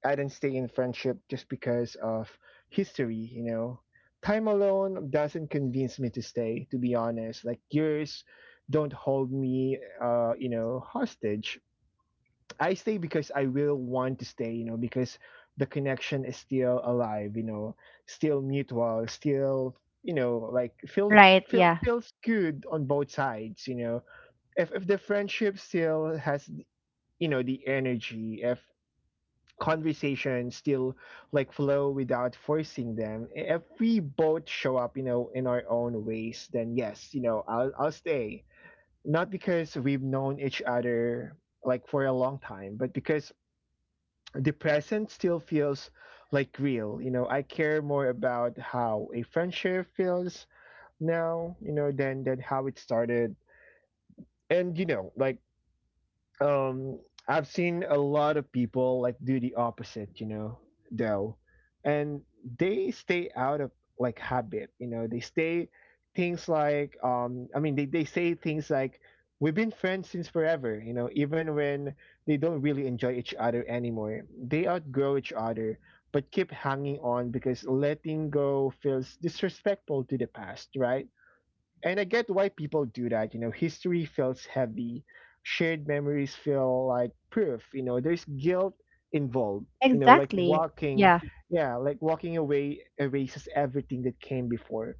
A: I didn't stay in friendship just because of history. You know, time alone doesn't convince me to stay. To be honest, like years don't hold me, you know, hostage. I stay because I will want to stay, you know, because the connection is still alive, you know, still mutual, still, you know, like
B: right, yeah.
A: feels good on both sides, you know. If the friendship still has, you know, the energy, if conversations still like flow without forcing them, if we both show up, you know, in our own ways, then yes, you know, I'll stay. Not because we've known each other like for a long time, but because the present still feels like real. You know, I care more about how a friendship feels now, you know, than how it started. And you know, like, um I've seen a lot of people like do the opposite, you know, though. And they stay out of like habit, you know, they stay things like, I mean they say things like, we've been friends since forever, you know, even when they don't really enjoy each other anymore. They outgrow each other but keep hanging on because letting go feels disrespectful to the past, right? And I get why people do that. You know, history feels heavy, shared memories feel like proof. You know, there's guilt involved. You know, like
B: Exactly, yeah.
A: yeah, like walking away erases everything that came before.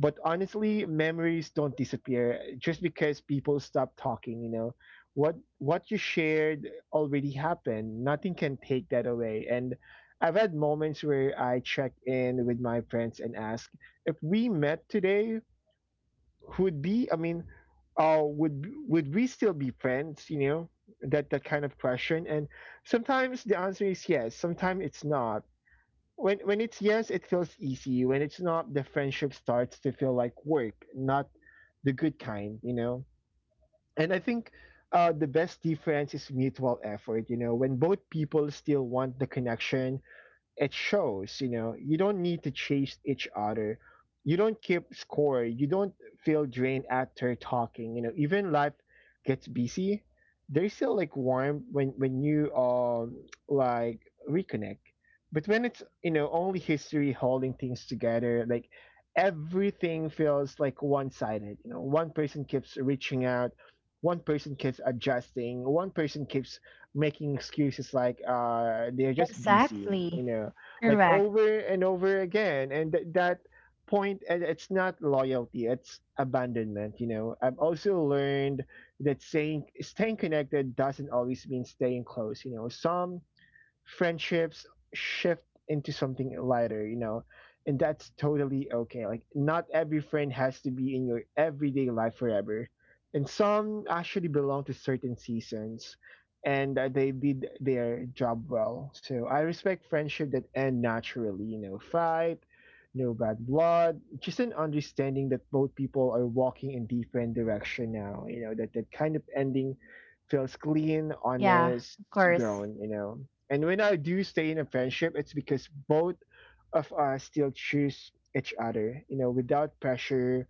A: But honestly, memories don't disappear just because people stop talking. You know, what you shared already happened. Nothing can take that away. And I've had moments where I check in with my friends and ask, if we met today, would be would we still be friends? That kind of question. And sometimes the answer is yes, sometimes it's not. When it's yes, it feels easy. When it's not, the friendship starts to feel like work, not the good kind. And I think, the best difference is mutual effort. When both people still want the connection, it shows. You don't need to chase each other. You don't keep score. You don't feel drained after talking. Even life gets busy, there's still like warm when you like reconnect. But when it's, only history holding things together, like everything feels like one-sided. One person keeps reaching out, one person keeps adjusting, one person keeps making excuses, like, they're just busy
B: Exactly,
A: you know like,
B: correct,
A: over and over again. And that point, and it's not loyalty, it's abandonment. I've also learned that saying staying connected doesn't always mean staying close. Some friendships shift into something lighter, and that's totally okay. Like, not every friend has to be in your everyday life forever, and some actually belong to certain seasons, and they did their job well. So I respect friendship that end naturally, fight. No bad blood, just an understanding that both people are walking in different direction now. That kind of ending feels clean,
B: yeah,
A: honest,
B: of course,
A: grown. And when I do stay in a friendship, it's because both of us still choose each other, without pressure,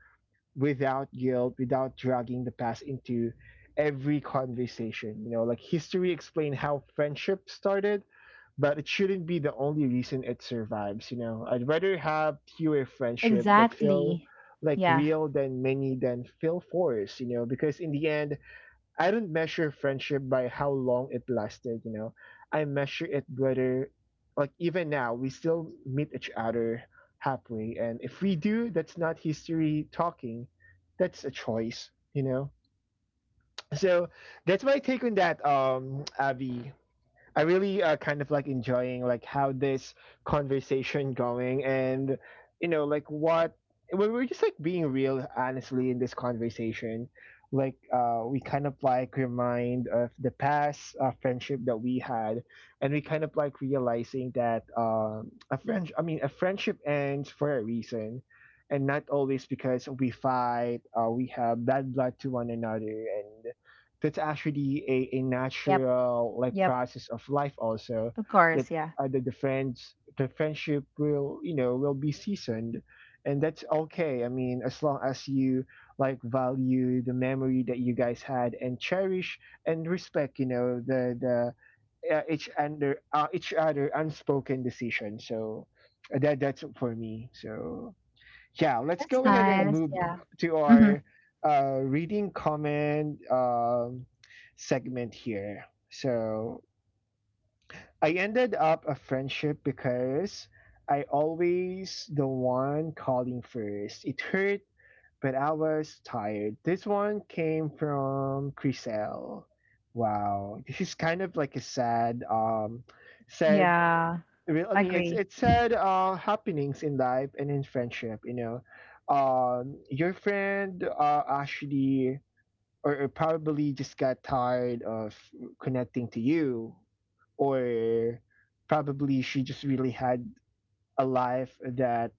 A: without guilt, without dragging the past into every conversation. Like history explained how friendship started, but it shouldn't be the only reason it survives. I'd rather have fewer friendship that feel
B: exactly,
A: like
B: yeah.
A: real, than many than feel forced. Because in the end, I don't measure friendship by how long it lasted. I measure it whether, like, even now, we still meet each other halfway. And if we do, that's not history talking, that's a choice. So that's my take on that, Abby. I really kind of like enjoying like how this conversation going. And like, what we're just like being real honestly in this conversation, like, we kind of like remind of the past friendship that we had. And we kind of like realizing that a friend I mean, a friendship ends for a reason, and not always because we fight. We have bad blood to one another, and that's actually a
B: Yep,
A: natural like
B: yep,
A: process of life also,
B: of
A: that
B: course, yeah.
A: the friendship will, will be seasoned, and that's okay. I mean, as long as you like value the memory that you guys had, and cherish and respect, the each under each other unspoken decision. So that's for me. So yeah, let's
B: That's
A: go ahead and
B: nice,
A: move
B: yeah.
A: to
B: Mhm,
A: our reading comment segment here. So I ended up a friendship because I always the one calling first. It hurt, but I was tired. This one came from Chriselle. Wow, this is kind of like a sad, sad
B: yeah,
A: real.
B: agree.
A: It said happenings in life and in friendship. Your friend actually, or probably just got tired of connecting to you, or probably she just really had a life that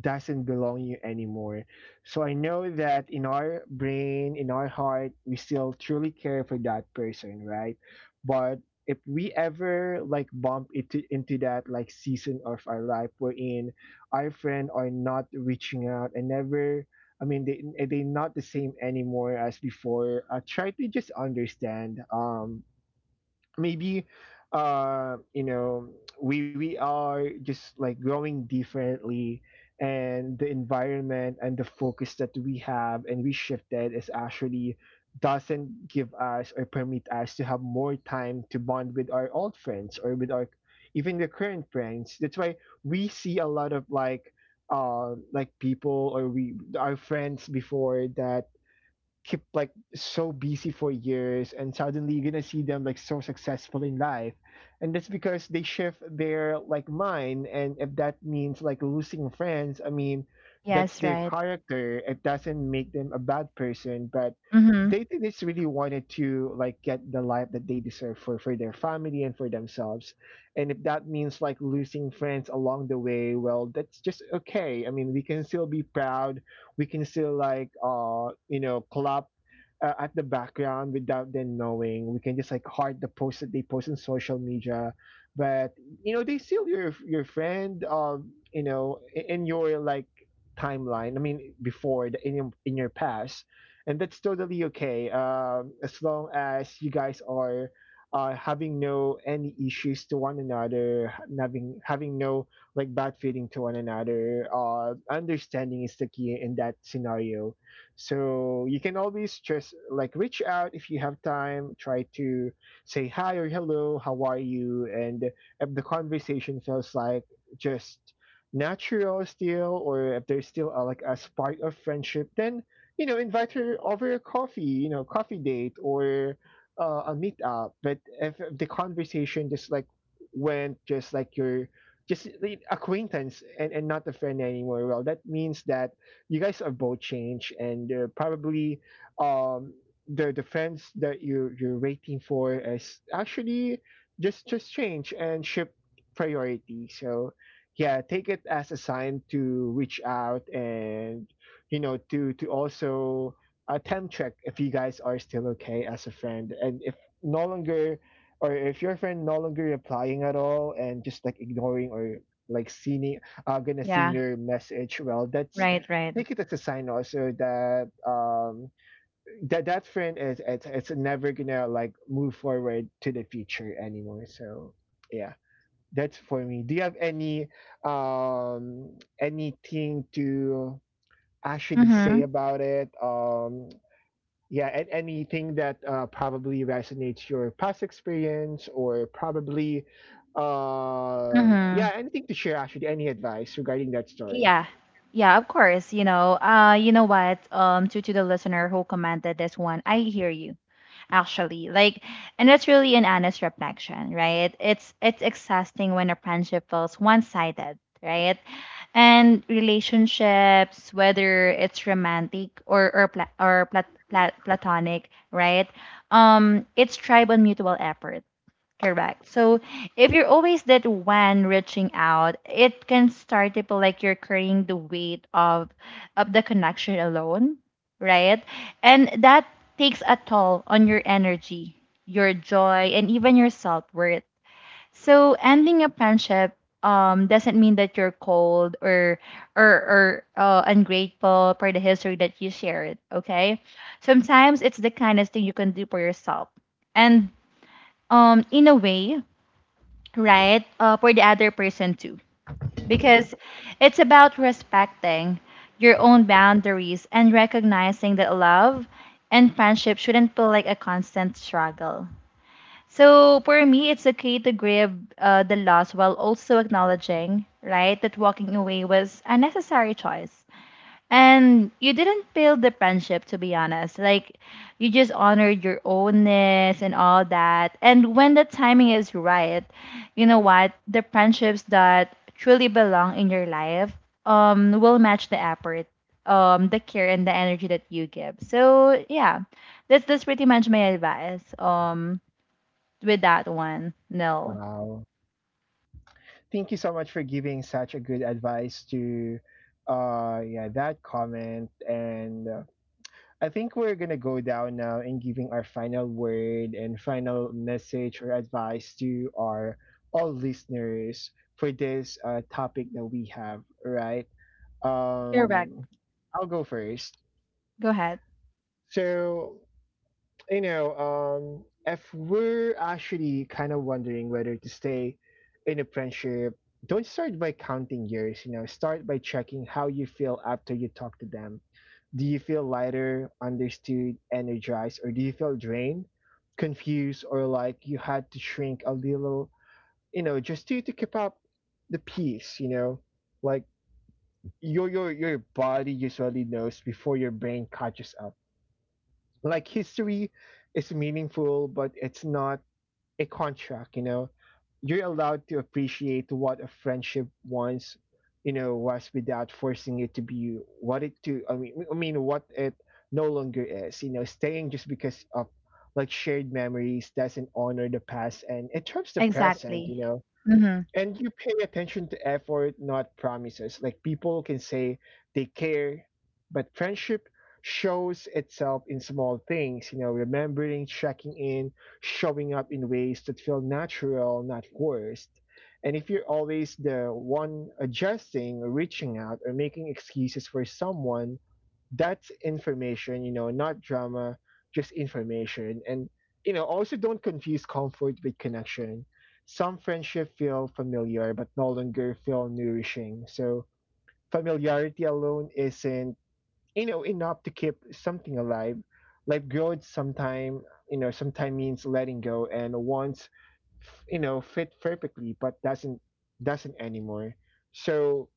A: doesn't belong you anymore. So I know that in our brain, in our heart, we still truly care for that person, right? But if we ever like bump into that like season of our life wherein our friend are not reaching out, and never, I mean, they're not the same anymore as before. Try to just understand. Maybe uh you know we are just like growing differently, and the environment and the focus that we have and we shifted is actually doesn't give us or permit us to have more time to bond with our old friends, or with our even the current friends. That's why we see a lot of like, like, people, or we our friends before, that keep like so busy for years, and suddenly you're gonna see them like so successful in life. And that's because they shift their like mind. And if that means like losing friends, I mean, that's
B: Yes,
A: their
B: right.
A: character. It doesn't make them a bad person, but
B: Mhm,
A: they just really wanted to like get the life that they deserve for their family and for themselves. And if that means like losing friends along the way, well, that's just okay. I mean, we can still be proud. We can still like, clap, at the background without them knowing. We can just like heart the post that they post on social media, but they still your friend. In your like timeline. I mean, before in your past, and that's totally okay. As long as you guys are. Having no any issues to one another, having no like bad feeling to one another. Understanding is the key in that scenario. So you can always just like reach out if you have time. Try to say hi or hello, how are you? And if the conversation feels like just natural still, or if there's still like a spark of friendship, then invite her over a coffee, coffee date, or a meetup. But if the conversation just like went just like your just like, acquaintance, and not a friend anymore. Well, that means that you guys are both changed, and probably, um the friends that you're waiting for is actually just change and shift priority. So yeah, take it as a sign to reach out, and, to also attempt check if you guys are still okay as a friend. And if no longer, or if your friend no longer replying at all, and just like ignoring, or like seeing
B: yeah,
A: your message, well, that's,
B: right, right.
A: take it as a sign also that that friend is it's never gonna like move forward to the future anymore. So yeah, that's for me. Do you have any, um anything to actually say
B: Mhm,
A: about it? Yeah, and anything that probably resonates your past experience, or probably, yeah,
B: mhm.
A: anything to share? Actually, any advice regarding that story?
B: Yeah, yeah, of course. You know what? To the listener who commented this one, I hear you. Actually, like, and that's really an honest reflection, right? It's exhausting when a friendship feels one-sided, right? And relationships, whether it's romantic or platonic, right, it's tribe on mutual effort. Correct. So if you're always that one reaching out, it can start to feel like you're carrying the weight of the connection alone, right? And that takes a toll on your energy, your joy, and even your self-worth. So ending a friendship doesn't mean that you're cold or or or ungrateful for the history that you shared, okay? Sometimes it's the kindest thing you can do for yourself. And in a way, right? For the other person too. Because it's about respecting your own boundaries and recognizing that love and friendship shouldn't feel like a constant struggle. So for me, it's okay to grieve the loss while also acknowledging, right, that walking away was a necessary choice. And you didn't fail the friendship, to be honest. Like, you just honored your ownness and all that. And when the timing is right, you know what? The friendships that truly belong in your life will match the effort, the care, and the energy that you give. So, yeah, that's pretty much my advice with that one. No,
A: Wow, thank you so much for giving such a good advice to, yeah, that comment. And I think we're gonna go down now in giving our final word and final message or advice to our all listeners for this topic that we have, right?
B: Correct.
A: Um, I'll go first.
B: Go ahead.
A: So, you know, um, if we're actually kind of wondering whether to stay in a friendship, don't start by counting years. Start by checking how you feel after you talk to them. Do you feel lighter, understood, energized? Or do you feel drained, confused, or like you had to shrink a little, just to keep up the pace? Like, your body usually knows before your brain catches up. Like history is meaningful, but it's not a contract, you know. You're allowed to appreciate what a friendship once, was, without forcing it to be what it to I mean what it no longer is. Staying just because of like shared memories doesn't honor the past, and it turns the present.
B: Exactly. Mm-hmm.
A: And you pay attention to effort, not promises. Like, people can say they care, but friendship shows itself in small things, remembering, checking in, showing up in ways that feel natural, not forced. And if you're always the one adjusting, reaching out, or making excuses for someone, that's information, not drama, just information. And, also don't confuse comfort with connection. Some friendship feel familiar but no longer feel nourishing. So familiarity alone isn't, enough to keep something alive. Like growth sometime, sometime means letting go. And once, fit perfectly, but doesn't anymore. So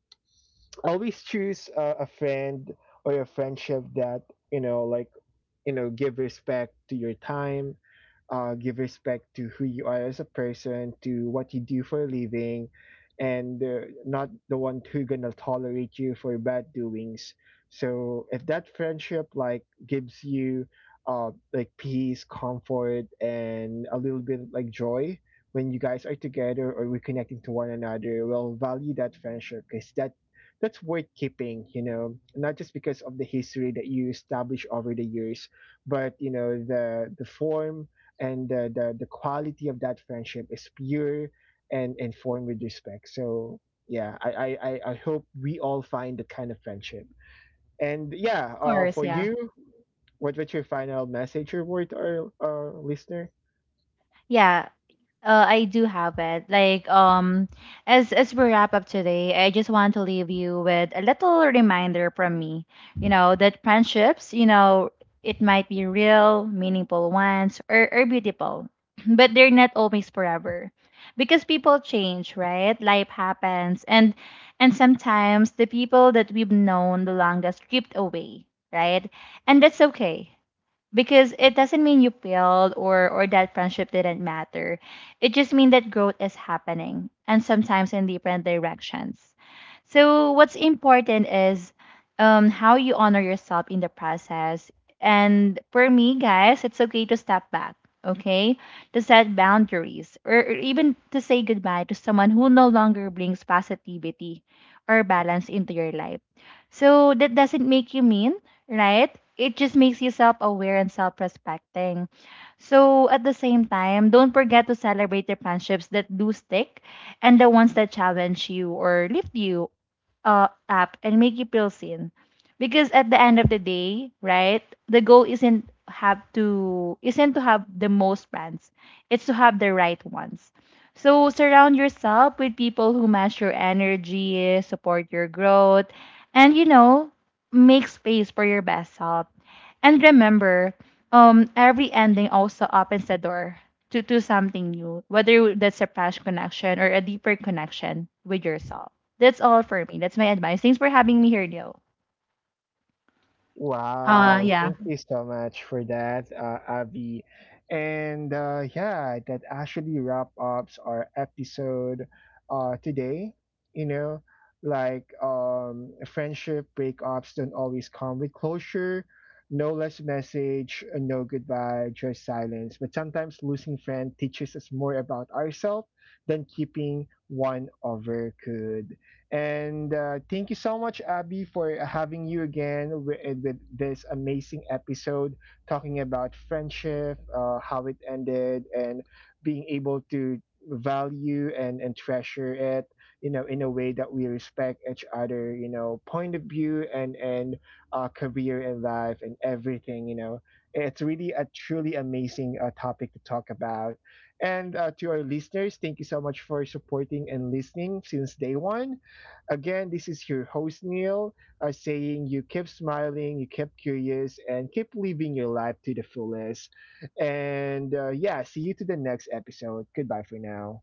A: always choose a friend or a friendship that, like, give respect to your time, give respect to who you are as a person, to what you do for a living, and not the one who gonna tolerate you for bad doings. So if that friendship like gives you like peace, comfort, and a little bit like joy when you guys are together or reconnecting to one another, well, value that friendship, because that's worth keeping, not just because of the history that you establish over the years, but, the form and the quality of that friendship is pure, and formed with respect. So yeah, I hope we all find that kind of friendship. And yeah,
B: Of course,
A: for
B: yeah.
A: you, what's your final message or word to our listener?
B: Yeah, I do have it. Like, as we wrap up today, I just want to leave you with a little reminder from me. You know that friendships, you know, it might be real, meaningful ones, or beautiful, <clears throat> but they're not always forever, because people change, right? Life happens, and sometimes the people that we've known the longest drift away, right? And that's okay because it doesn't mean you failed or that friendship didn't matter. It just means that growth is happening and sometimes in different directions. So what's important is how you honor yourself in the process. And for me, guys, it's okay to step back, okay? To set boundaries, or even to say goodbye to someone who no longer brings positivity or balance into your life. So that doesn't make you mean, right? It just makes you self aware and self respecting. So, at the same time, don't forget to celebrate the friendships that do stick and the ones that challenge you or lift you up and make you feel seen. Because at the end of the day, right, the goal isn't to have the most friends. It's to have the right ones. So surround yourself with people who match your energy, support your growth, and you know, make space for your best self. And remember, every ending also opens the door to do something new, whether that's a past connection or a deeper connection with yourself. That's all for me. That's my advice. Thanks for having me here, Leo.
A: Wow,
B: Yeah.
A: thank you so much for that, Abby. And yeah, that actually wrap ups our episode today. You know, like, friendship breakups don't always come with closure, no less message, no goodbye, just silence. But sometimes losing friend teaches us more about ourselves than keeping one over could. And thank you so much, Abby, for having you again with this amazing episode talking about friendship, how it ended, and being able to value and treasure it, in a way that we respect each other, point of view, and career and life and everything. It's really a truly amazing topic to talk about. And to our listeners, thank you so much for supporting and listening since day one. Again, this is your host, Neil, saying you keep smiling, you keep curious, and keep living your life to the fullest. And yeah, see you to the next episode. Goodbye for now.